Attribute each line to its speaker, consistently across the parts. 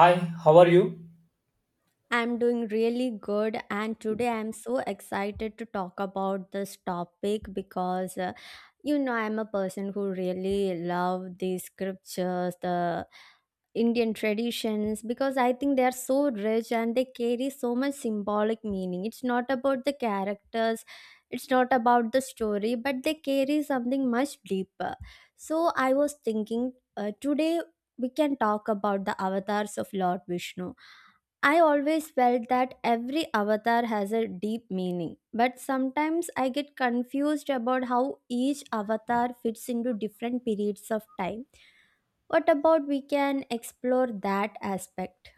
Speaker 1: Hi, how are you?
Speaker 2: I'm doing really good, and today I'm so excited to talk about this topic because you know I'm a person who really love these scriptures, the Indian traditions because I think they are so rich and they carry so much symbolic meaning. It's not about the characters, it's not about the story, but they carry something much deeper. So I was thinking today we can talk about the avatars of Lord Vishnu. I always felt that every avatar has a deep meaning, but sometimes I get confused about how each avatar fits into different periods of time. What about we can explore that aspect?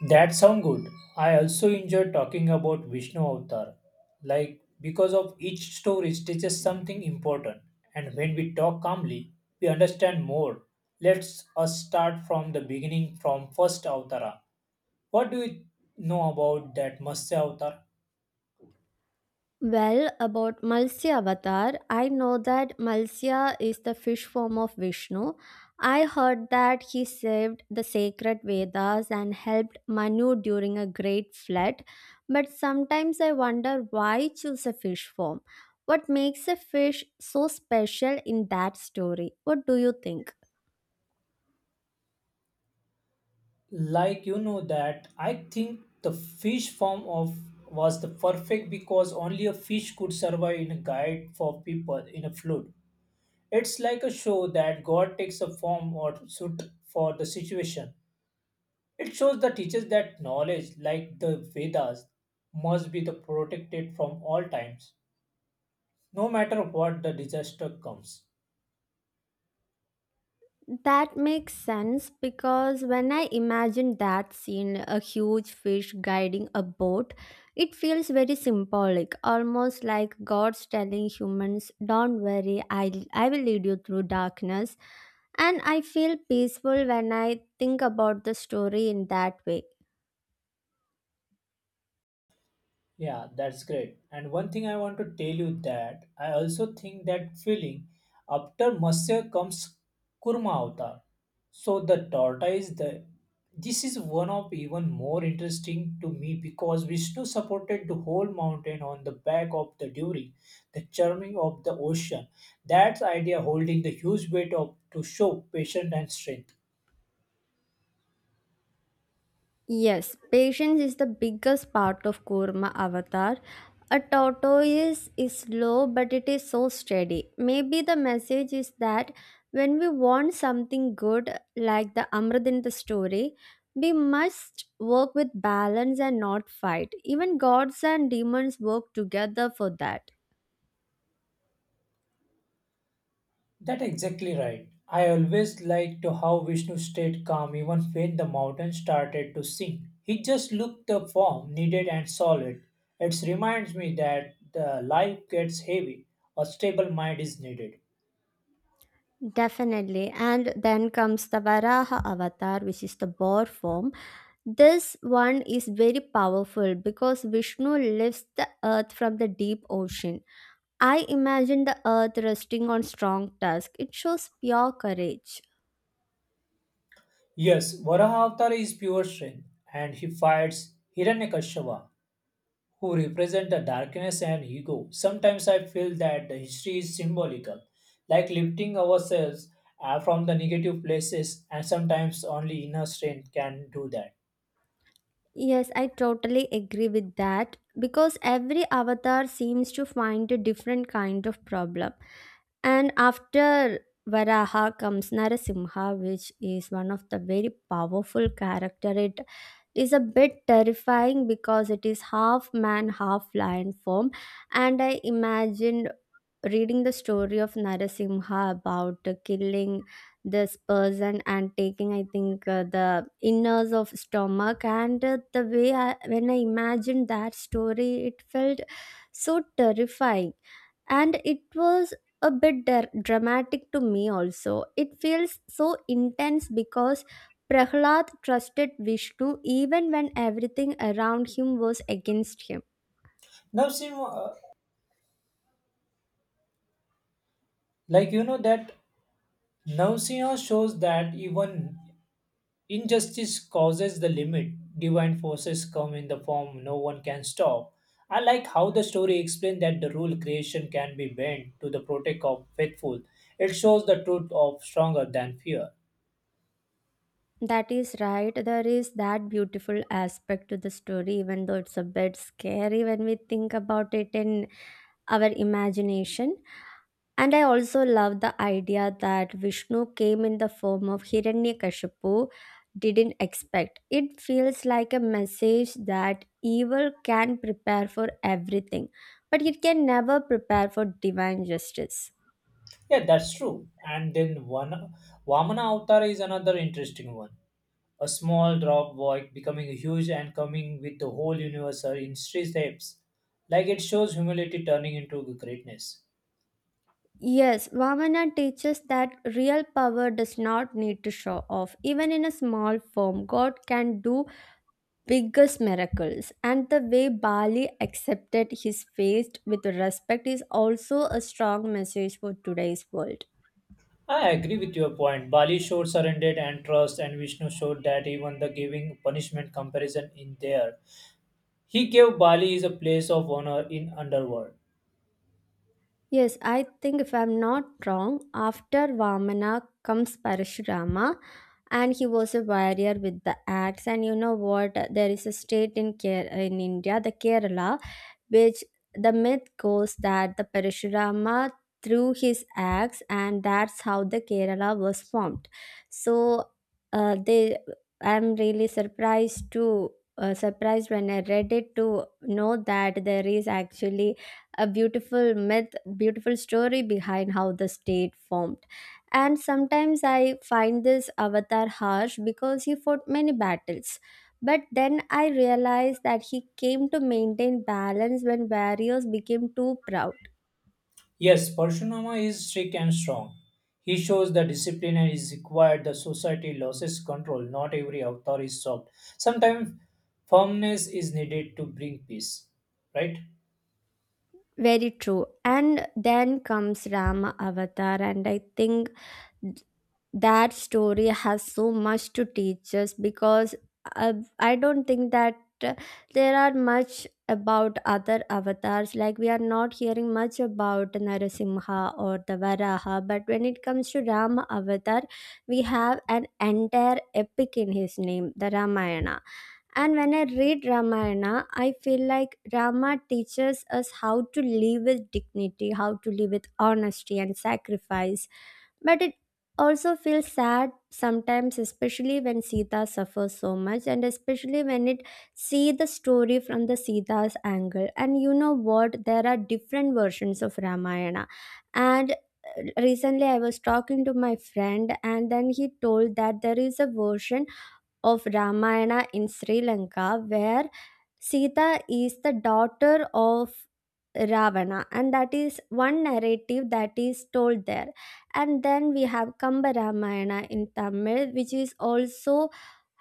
Speaker 1: That sound good. I also enjoy talking about Vishnu Avatar. Like because of each story teaches something important, and when we talk calmly, we understand more. Let's us start from the beginning from first Avatara. What do you know about that Matsya Avatar?
Speaker 2: Well, about Malsya Avatar, I know that Malsya is the fish form of Vishnu. I heard that he saved the sacred Vedas and helped Manu during a great flood, but sometimes I wonder why choose a fish form. What makes a fish so special in that story? What do you think?
Speaker 1: Like you know that I think the fish form of was the perfect because only a fish could survive in a guide for people in a flood. It's like a show that God takes a form or suit for the situation. It shows the teachers that knowledge, like the Vedas, must be the protected from all times, no matter what the disaster comes.
Speaker 2: That makes sense because when I imagine that scene, a huge fish guiding a boat, it feels very symbolic, almost like God's telling humans, don't worry, I will lead you through darkness. And I feel peaceful when I think about the story in that way.
Speaker 1: Yeah, that's great. And one thing I want to tell you that I also think that feeling after Masya comes Kurma Avatar. So the tortoise, the this is one of even more interesting to me because Vishnu supported the whole mountain on the back of the during the churning of the ocean. That's idea holding the huge weight of to show patience and strength.
Speaker 2: Yes, patience is the biggest part of Kurma Avatar. A tortoise is slow, but it is so steady. Maybe the message is that when we want something good, like the Amrit in the story, we must work with balance and not fight. Even gods and demons work together for that.
Speaker 1: That exactly right. I always liked to how Vishnu stayed calm even when the mountain started to sing. He just looked the form needed and solid. It reminds me that the life gets heavy, a stable mind is needed.
Speaker 2: Definitely. And then comes the Varaha avatar, which is the boar form. This one is very powerful because Vishnu lifts the earth from the deep ocean. I imagine the earth resting on strong tusk. It shows pure courage.
Speaker 1: Yes, Varaha Avatar is pure strength, and he fights Hiranyakashipu who represent the darkness and ego. Sometimes I feel that the history is symbolical, like lifting ourselves from the negative places, and sometimes only inner strength can do that.
Speaker 2: Yes, I totally agree with that because every avatar seems to find a different kind of problem. And after Varaha comes Narasimha, which is one of the very powerful character. It is a bit terrifying because it is half man, half lion form. And I imagined reading the story of Narasimha about the killing this person and taking I think the inners of stomach and the way when I imagined that story it felt so terrifying, and it was a bit dramatic to me. Also it feels so intense because prahlad trusted vishnu even when everything around him was against him.
Speaker 1: Navsimha, like you know that Navsimha shows that even injustice causes the limit. Divine forces come in the form no one can stop. I like how the story explained that the rule creation can be bent to the protect of faithful. It shows the truth of stronger than fear.
Speaker 2: That is right. There is that beautiful aspect to the story, even though it's a bit scary when we think about it in our imagination. And I also love the idea that Vishnu came in the form of Hiranyakashipu didn't expect. It feels like a message that evil can prepare for everything, but it can never prepare for divine justice.
Speaker 1: Yeah, that's true. And then one Vamana Avatar is another interesting one. A small drop void becoming huge and coming with the whole universe in three steps. Like it shows humility turning into greatness.
Speaker 2: Yes, Vamana teaches that real power does not need to show off. Even in a small form, God can do biggest miracles, and the way bali accepted his fate with respect is also a strong message for today's world.
Speaker 1: I agree with your point. Bali showed surrendered and trust, and Vishnu showed that even the giving punishment comparison in there. He gave Bali is a place of honor in underworld.
Speaker 2: Yes, I think, if I'm not wrong, after vamana comes parashurama, and he was a warrior with the axe. And you know what, there is a state in in india, the kerala, which the myth goes that the Parashurama threw his axe and that's how the Kerala was formed. So they I'm really surprised when I read it to know that there is actually a beautiful myth, beautiful story behind how the state formed. And sometimes I find this avatar harsh because he fought many battles, but then I realized that he came to maintain balance when barriers became too proud.
Speaker 1: Yes, Parshurama is strict and strong. He shows the discipline and is required. The society loses control. Not every avatar is soft. Sometimes firmness is needed to bring peace, right?
Speaker 2: Very true. And then comes Rama Avatar, and I think that story has so much to teach us because I don't think that uh, there are much about other avatars. Like we are not hearing much about Narasimha or the Varaha, but when it comes to Rama avatar, we have an entire epic in his name, the Ramayana. And when I read Ramayana, I feel like Rama teaches us how to live with dignity, how to live with honesty and sacrifice, but it also feels sad sometimes, especially when Sita suffers so much, and especially when it see the story from the Sita's angle. And you know what? There are different versions of Ramayana, and recently I was talking to my friend, and then he told that there is a version of Ramayana in Sri Lanka, where Sita is the daughter of Ravana, and that is one narrative that is told there. And then we have Kamba Ramayana in Tamil, which is also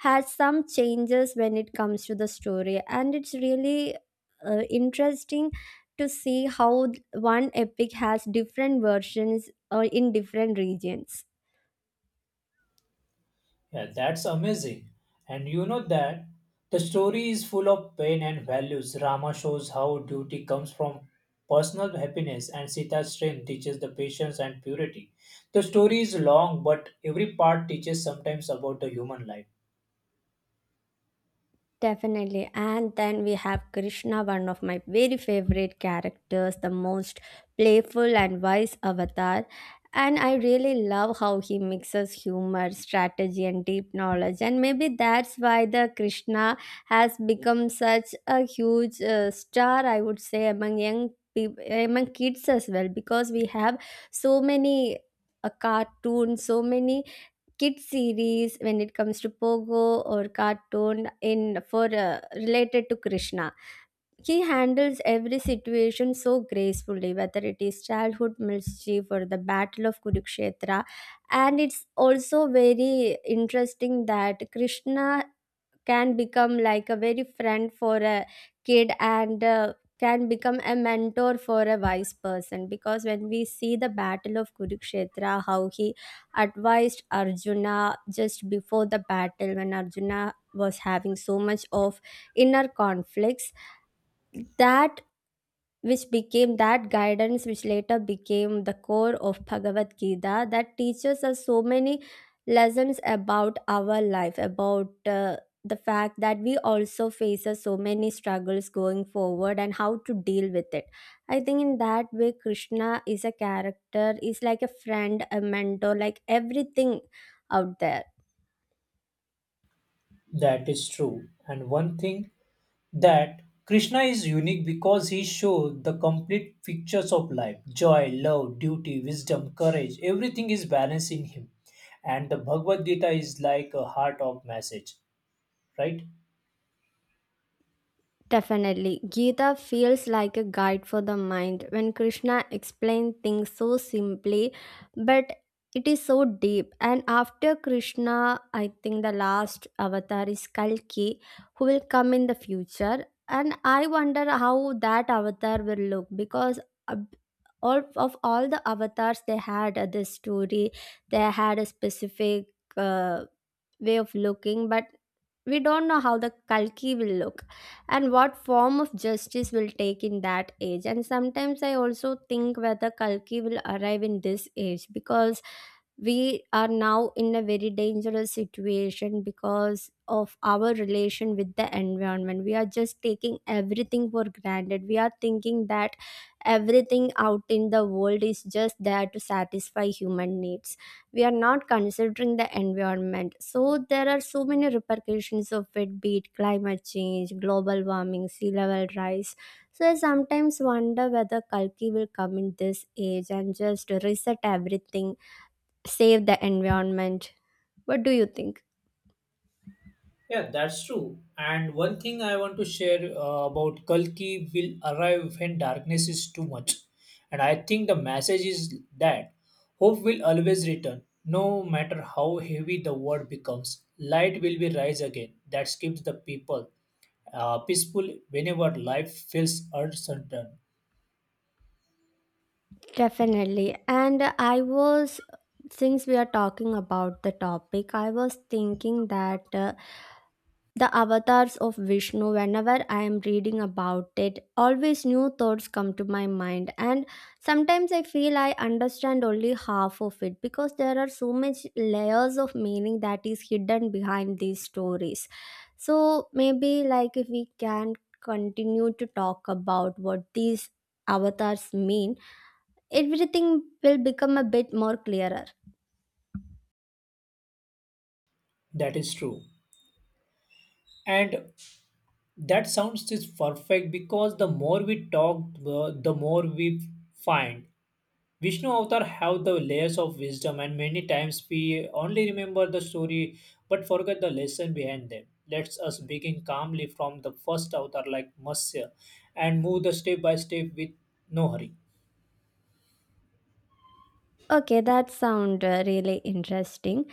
Speaker 2: has some changes when it comes to the story, and it's really interesting to see how one epic has different versions in different regions.
Speaker 1: Yeah, that's amazing. And you know that the story is full of pain and values. Rama shows how duty comes from personal happiness, and Sita's strength teaches the patience and purity. The story is long, but every part teaches sometimes about the human life.
Speaker 2: Definitely. And then we have Krishna, one of my very favorite characters, the most playful and wise avatar. And I really love how he mixes humor, strategy, and deep knowledge. And maybe that's why the Krishna has become such a huge star, I would say, among young people, among kids as well, because we have so many cartoons, so many kids series when it comes to pogo or cartoon in for related to krishna. He handles every situation so gracefully, whether it is childhood mischief or the battle of kurukshetra. And it's also very interesting that krishna can become like a very friend for a kid, and can become a mentor for a wise person, because when we see the battle of kurukshetra, how he advised arjuna just before the battle, when arjuna was having so much of inner conflicts, that which became that guidance which later became the core of Bhagavad Gita that teaches us so many lessons about our life, about the fact that we also faces so many struggles going forward and how to deal with it. I think in that way, Krishna is a character, is like a friend, a mentor, like everything out there.
Speaker 1: That is true. And one thing that Krishna is unique because he showed the complete pictures of life joy, love, duty, wisdom, courage. Everything is balanced in him. And the Bhagavad Gita is like a heart of message, right?
Speaker 2: Definitely. Gita feels like a guide for the mind when Krishna explains things so simply, but it is so deep. And after Krishna, I think the last avatar is Kalki, who will come in the future. And I wonder how that avatar will look because ab- all of all the avatars they had at this story, they had a specific way of looking, but we don't know how the Kalki will look and what form of justice will take in that age. And sometimes I also think whether kalki will arrive in this age, because we are now in a very dangerous situation because of our relation with the environment. We are just taking everything for granted. We are thinking that everything out in the world is just there to satisfy human needs. We are not considering the environment, so there are so many repercussions of it, be it climate change, global warming, sea level rise. So I sometimes wonder whether kalki will come in this age and just reset everything, save the environment. What do you think?
Speaker 1: Yeah, that's true. And one thing I want to share about Kalki will arrive when darkness is too much. And I think the message is that hope will always return, no matter how heavy the world becomes. Light will be rise again. That keeps the people peaceful whenever life feels uncertain.
Speaker 2: Definitely. And I was, since we are talking about the topic, I was thinking that the avatars of Vishnu, whenever I am reading about it, always new thoughts come to my mind, and sometimes I feel I understand only half of it because there are so much layers of meaning that is hidden behind these stories. So, maybe like if we can continue to talk about what these avatars mean, everything will become a bit more clearer.
Speaker 1: That is true. And that sounds is perfect because the more we talk, the more we find Vishnu Avatar have the layers of wisdom, and many times we only remember the story but forget the lesson behind them. Let us begin calmly from the first avatar, like Matsya, and move the step by step with no hurry.
Speaker 2: Okay, that sound really interesting.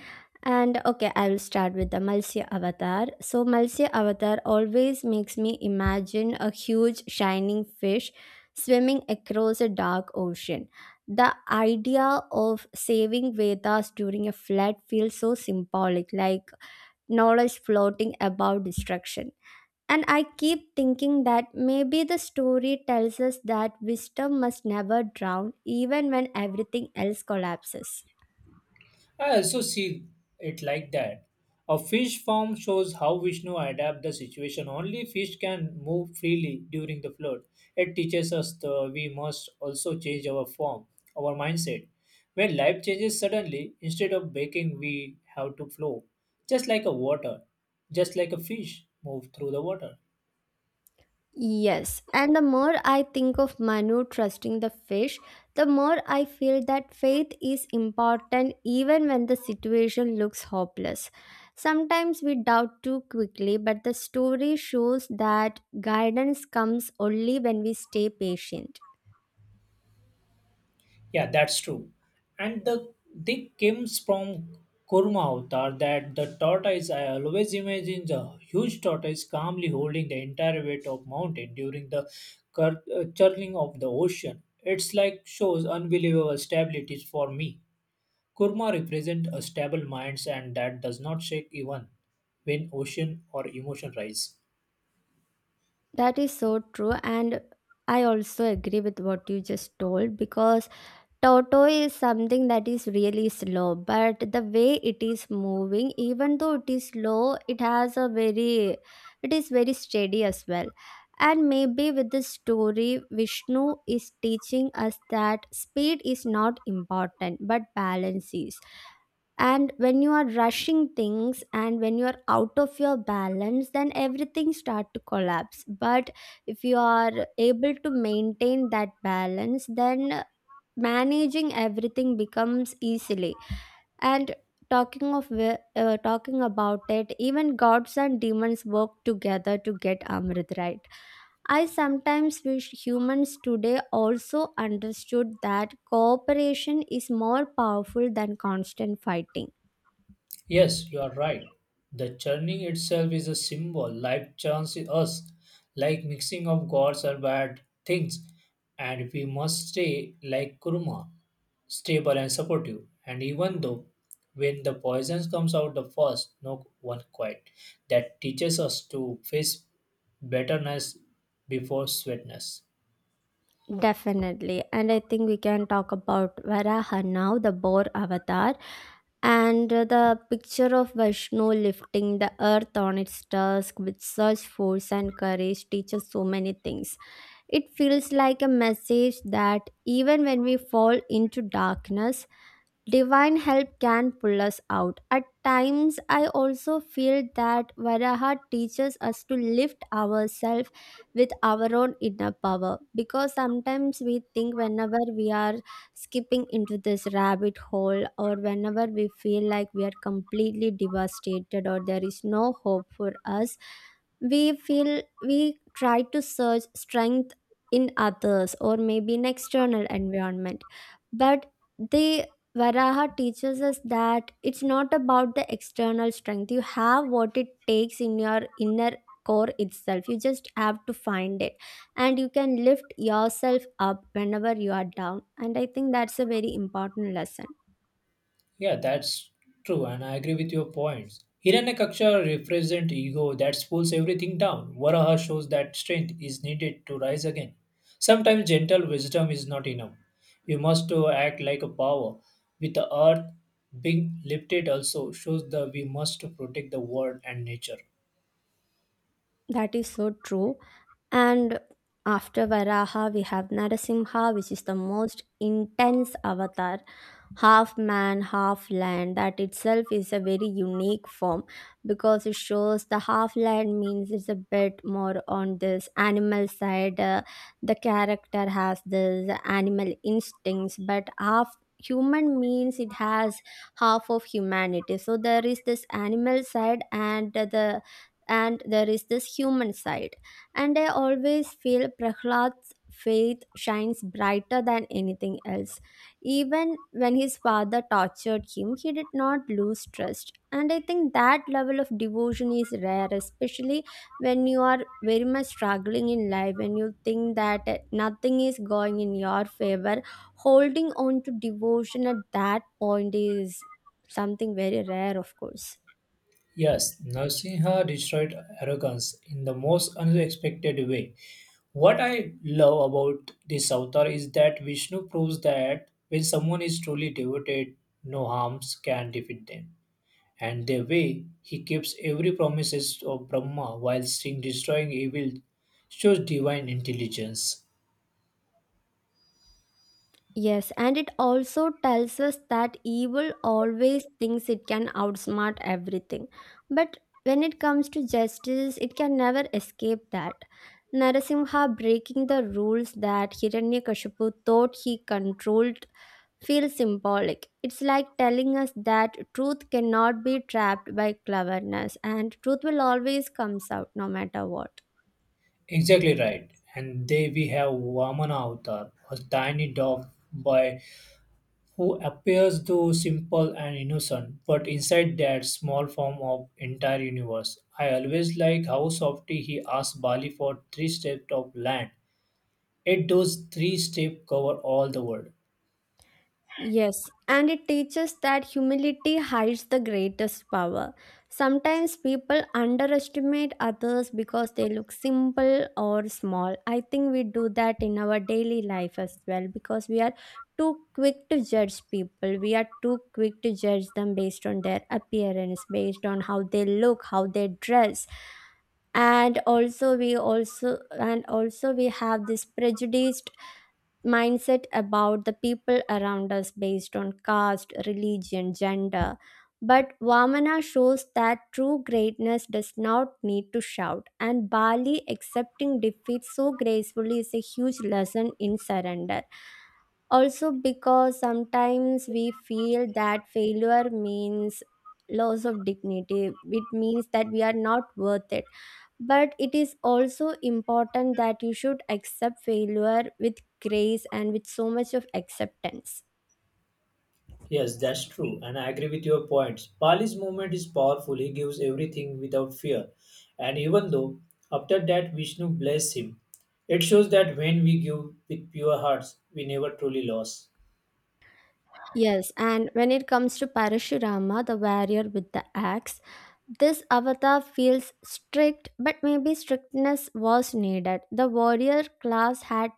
Speaker 2: And okay, I will start with the Malsya avatar. So Malsya avatar always makes me imagine a huge shining fish swimming across a dark ocean. The idea of saving Vedas during a flood feels so symbolic, like knowledge floating above destruction. And I keep thinking that maybe the story tells us that wisdom must never drown, even when everything else collapses.
Speaker 1: I also see it like that. A fish form shows how Vishnu adapted the situation. Only fish can move freely during the flood. It teaches us that we must also change our form, our mindset. When life changes suddenly, instead of baking, we have to flow, just like a water, just like a fish move through the water.
Speaker 2: Yes, and the more I think of Manu trusting the fish, the more I feel that faith is important even when the situation looks hopeless. Sometimes we doubt too quickly, but the story shows that guidance comes only when we stay patient.
Speaker 1: Yeah, that's true. And the they comes from Kurma avatar that the tortoise I always imagine the huge tortoise calmly holding the entire weight of mountain during the churning of the ocean. It's like shows unbelievable stability for me. Kurma represent a stable minds and that does not shake even when ocean or emotion rise.
Speaker 2: That is so true. And I also agree with what you just told, because Toto is something that is really slow, but the way it is moving, even though it is slow, it has a very, it is very steady as well. And maybe with this story, Vishnu is teaching us that speed is not important, but balance is. And when you are rushing things and when you are out of your balance, then everything start to collapse. But if you are able to maintain that balance, then managing everything becomes easily. And talking about it, even gods and demons work together to get amrit, right? I sometimes wish humans today also understood that cooperation is more powerful than constant fighting.
Speaker 1: Yes, you are right. The churning itself is a symbol. Life churns us, like mixing of gods or bad things, and we must stay like kurma, stable and supportive. And even though when the poison comes out the first, no one quite. That teaches us to face betterness before sweetness.
Speaker 2: Definitely. And I think we can talk about Varaha now, the boar avatar. And the picture of Vishnu lifting the earth on its tusk with such force and courage teaches so many things. It feels like a message that even when we fall into darkness, divine help can pull us out. At times, I also feel that Varaha teaches us to lift ourselves with our own inner power, because sometimes we think whenever we are skipping into this rabbit hole, or whenever we feel like we are completely devastated or there is no hope for us, we feel we try to search strength in others or maybe in external environment. But the Varaha teaches us that it's not about the external strength. You have what it takes in your inner core itself. You just have to find it. And you can lift yourself up whenever you are down. And I think that's a very important lesson.
Speaker 1: Yeah, that's true, and I agree with your points. Hiranyakaksha represents ego that pulls everything down. Varaha shows that strength is needed to rise again. Sometimes gentle wisdom is not enough. We must act like a power. With the earth being lifted also shows that we must protect the world and nature.
Speaker 2: That is so true. And after Varaha, we have Narasimha, which is the most intense avatar. Half man, half land. That itself is a very unique form, because it shows the half land means it's a bit more on this animal side. The character has this animal instincts, but half human means it has half of humanity. So there is this animal side and there is this human side. And I always feel Prahlad's faith shines brighter than anything else. Even when his father tortured him, he did not lose trust. And I think that level of devotion is rare, especially when you are very much struggling in life, when you think that nothing is going in your favor. Holding on to devotion at that point is something very rare, of course.
Speaker 1: Yes, Narsinha destroyed arrogance in the most unexpected way. What I love about this avatar is that Vishnu proves that when someone is truly devoted, no harms can defeat them. And the way, he keeps every promises of Brahma while still destroying evil, shows divine intelligence.
Speaker 2: Yes, and it also tells us that evil always thinks it can outsmart everything. But when it comes to justice, it can never escape that. Narasimha breaking the rules that Hiranyakashipu thought he controlled feels symbolic. It's like telling us that truth cannot be trapped by cleverness, and truth will always comes out no matter what.
Speaker 1: Exactly right. And there we have Vamana avatar, a tiny dog boy who appears though simple and innocent, but inside that small form of entire universe. I always like how softly he asks Bali for three steps of land. Yet those three steps cover all the world.
Speaker 2: Yes, and it teaches that humility hides the greatest power. Sometimes people underestimate others because they look simple or small. I think we do that in our daily life as well, because we are too quick to judge people. We are too quick to judge them based on their appearance, based on how they look, how they dress. And also we have this prejudiced mindset about the people around us based on caste, religion, gender. But Vamana shows that true greatness does not need to shout, and Bali accepting defeat so gracefully is a huge lesson in surrender. Also, because sometimes we feel that failure means loss of dignity, it means that we are not worth it. But it is also important that you should accept failure with grace and with so much of acceptance.
Speaker 1: Yes, that's true, and I agree with your points. Bali's movement is powerful, he gives everything without fear. And even though after that Vishnu bless him, it shows that when we give with pure hearts, we never truly lose.
Speaker 2: Yes, and when it comes to Parashurama, the warrior with the axe, this avatar feels strict, but maybe strictness was needed. The warrior class had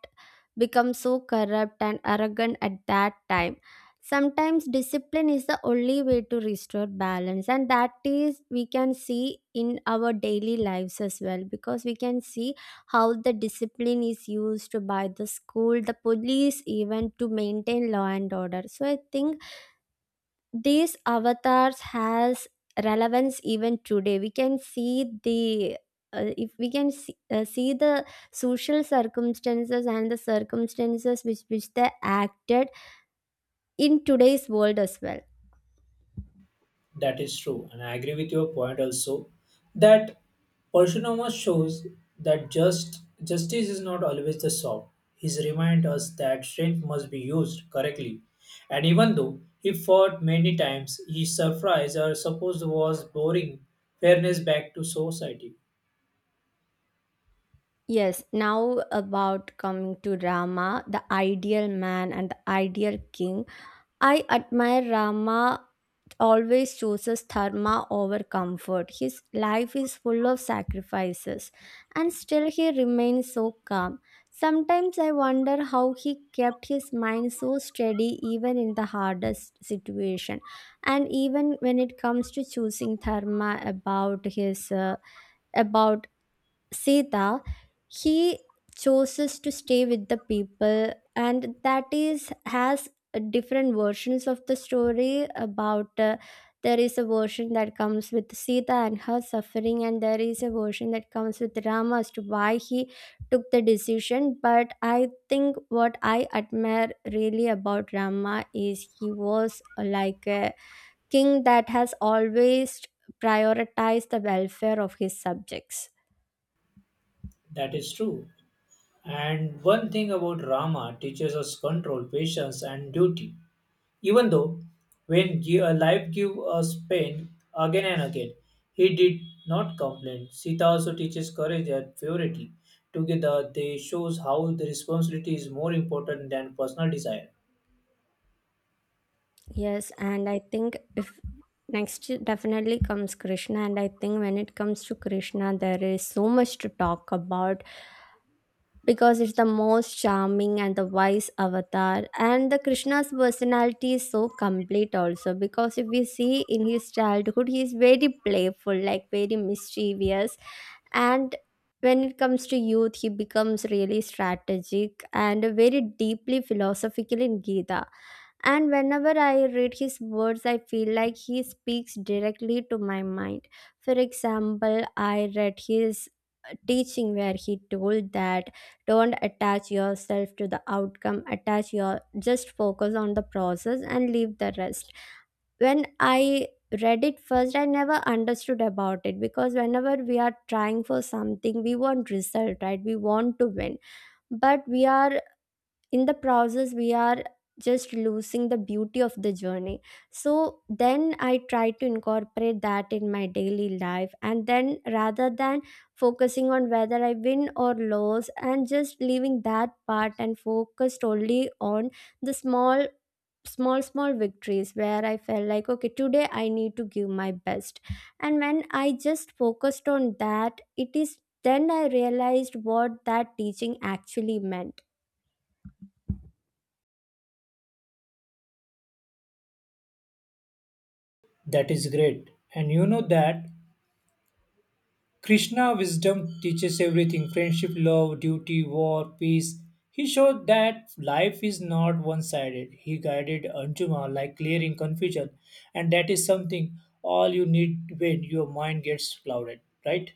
Speaker 2: become so corrupt and arrogant at that time. Sometimes discipline is the only way to restore balance, and that is we can see in our daily lives as well, because we can see how the discipline is used by the school, the police, even to maintain law and order. So I think these avatars has relevance even today. We can see the if we can see, see the social circumstances and the circumstances which they acted in today's world as well.
Speaker 1: That is true, and I agree with your point also that Parshurama shows that just justice is not always the soft. He reminds us that strength must be used correctly, and even though he fought many times, his surprise or suppose was boring fairness back to society.
Speaker 2: Yes, now about coming to Rama, the ideal man and the ideal king. I admire Rama always chooses dharma over comfort. His life is full of sacrifices, and still he remains so calm. Sometimes I wonder how he kept his mind so steady even in the hardest situation, and even when it comes to choosing dharma about his about Sita, he chooses to stay with the people, and that is has different versions of the story about. There is a version that comes with Sita and her suffering, and there is a version that comes with Rama as to why he took the decision. But I think what I admire really about Rama is he was like a king that has always prioritized the welfare of his subjects.
Speaker 1: That is true. And one thing about Rama teaches us control, patience, and duty. Even though when life gave us pain again and again, he did not complain. Sita also teaches courage and purity. Together, they shows how the responsibility is more important than personal desire.
Speaker 2: Yes, and I think if next definitely comes Krishna. And I think when it comes to Krishna, there is so much to talk about, because it's the most charming and the wise avatar, and the Krishna's personality is so complete also, because if we see in his childhood, he is very playful, like very mischievous, and when it comes to youth, he becomes really strategic and very deeply philosophical in Gita, and whenever I read his words, I feel like he speaks directly to my mind. For example, I read his teaching where he told that don't attach yourself to the outcome, attach your just focus on the process and leave the rest. When I read it first, I never understood about it, because whenever we are trying for something, we want result, right? We want to win, but we are in the process we are just losing the beauty of the journey. So then I try to incorporate that in my daily life, and then rather than focusing on whether I win or lose and just leaving that part and focused only on the small victories where I felt like, okay, today I need to give my best. And when I just focused on that, it is then I realized what that teaching actually meant.
Speaker 1: That is great. And you know that Krishna wisdom teaches everything friendship, love, duty, war, peace. He showed that life is not one sided. He guided Arjuna like clearing confusion, and that is something all you need when your mind gets clouded, right?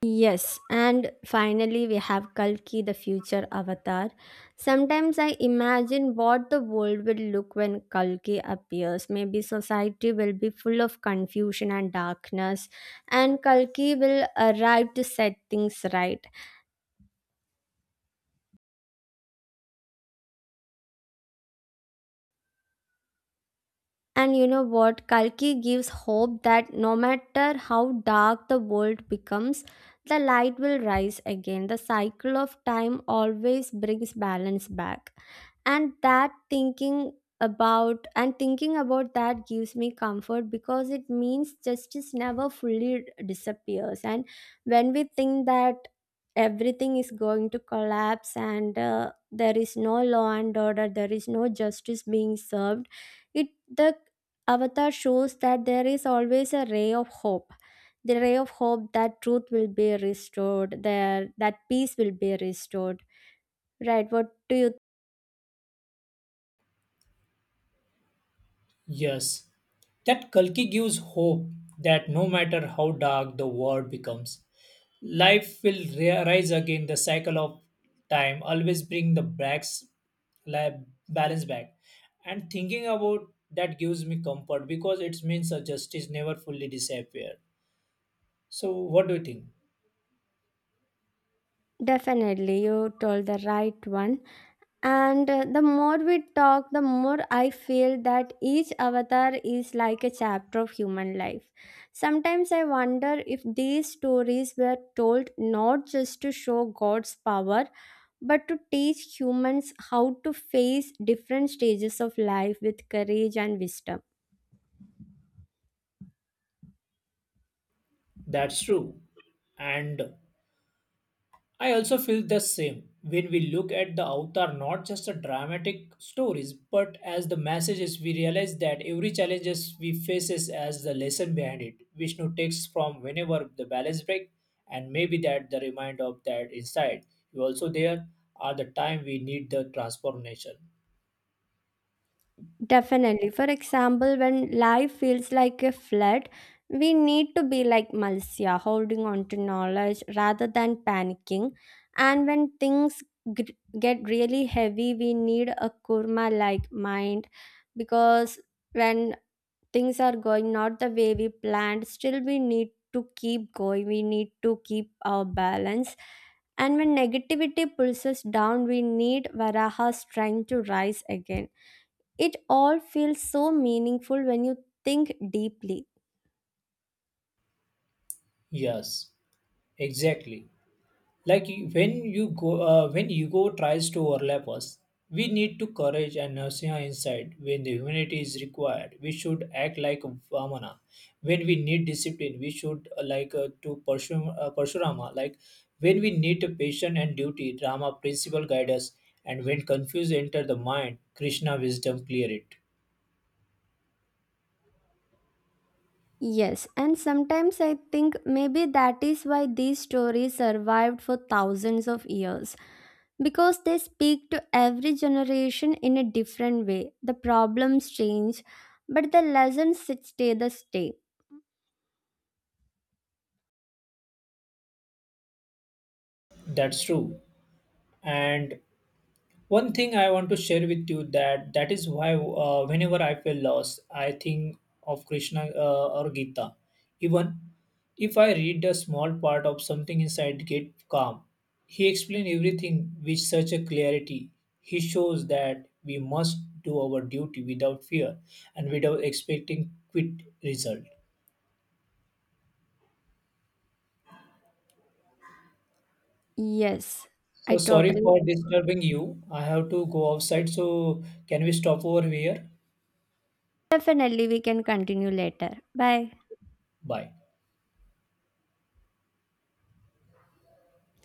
Speaker 2: Yes, and finally we have Kalki, the future avatar. Sometimes I imagine what the world will look when Kalki appears. Maybe society will be full of confusion and darkness, and Kalki will arrive to set things right. And you know what? Kalki gives hope that no matter how dark the world becomes, the light will rise again. The cycle of time always brings balance back. And that thinking about and thinking about that gives me comfort, because it means justice never fully disappears. And when we think that everything is going to collapse and there is no law and order, there is no justice being served, it the Avatar shows that there is always a ray of hope. The ray of hope that truth will be restored, there that peace will be restored. Right, what do you
Speaker 1: Yes. That Kalki gives hope that no matter how dark the world becomes, life will rise again. The cycle of time always bring the backs li- balance back. And thinking about that gives me comfort because it means a justice never fully disappear. So what do you think?
Speaker 2: definitely you told the right one. And the more we talk, the more I feel that each avatar is like a chapter of human life. Sometimes I wonder if these stories were told not just to show God's power, but to teach humans how to face different stages of life with courage and wisdom.
Speaker 1: That's true. And I also feel the same when we look at the Avatar not just a dramatic stories but as the messages we realize that every challenges we faces as the lesson behind it. Vishnu takes from whenever the balance break, and maybe that the reminder of that inside you also there are the time we need the transformation.
Speaker 2: Definitely. For example, when life feels like a flood, we need to be like Malsya, holding on to knowledge rather than panicking. And when things gr- get really heavy, we need a kurma like mind, because when things are going not the way we planned, still we need to keep going, we need to keep our balance. And when negativity pulls us down, we need Varaha's strength to rise again. It all feels so meaningful when you think deeply.
Speaker 1: Yes, exactly. When you go when ego tries to overlap us, we need to courage and narsiha inside. When the humanity is required, we should act like vamana. When we need discipline, we should like to parshurama. Like when we need patience and duty, rama principle guide us. And when confused enter the mind, krishna wisdom clear it.
Speaker 2: Yes, and sometimes I think maybe that is why these stories survived for thousands of years, because they speak to every generation in a different way. The problems change, but the lessons stay the stay.
Speaker 1: That's true. And one thing I want to share with you that that is why whenever I feel lost, I think of krishna or gita. Even if I read a small part of something inside get calm. He explained everything with such a clarity. He shows that we must do our duty without fear and without expecting quick result.
Speaker 2: Yes, I
Speaker 1: So sorry for
Speaker 2: totally.
Speaker 1: disturbing you. I have to go outside, so can we stop over here?
Speaker 2: Definitely, we can continue later. Bye.
Speaker 1: Bye.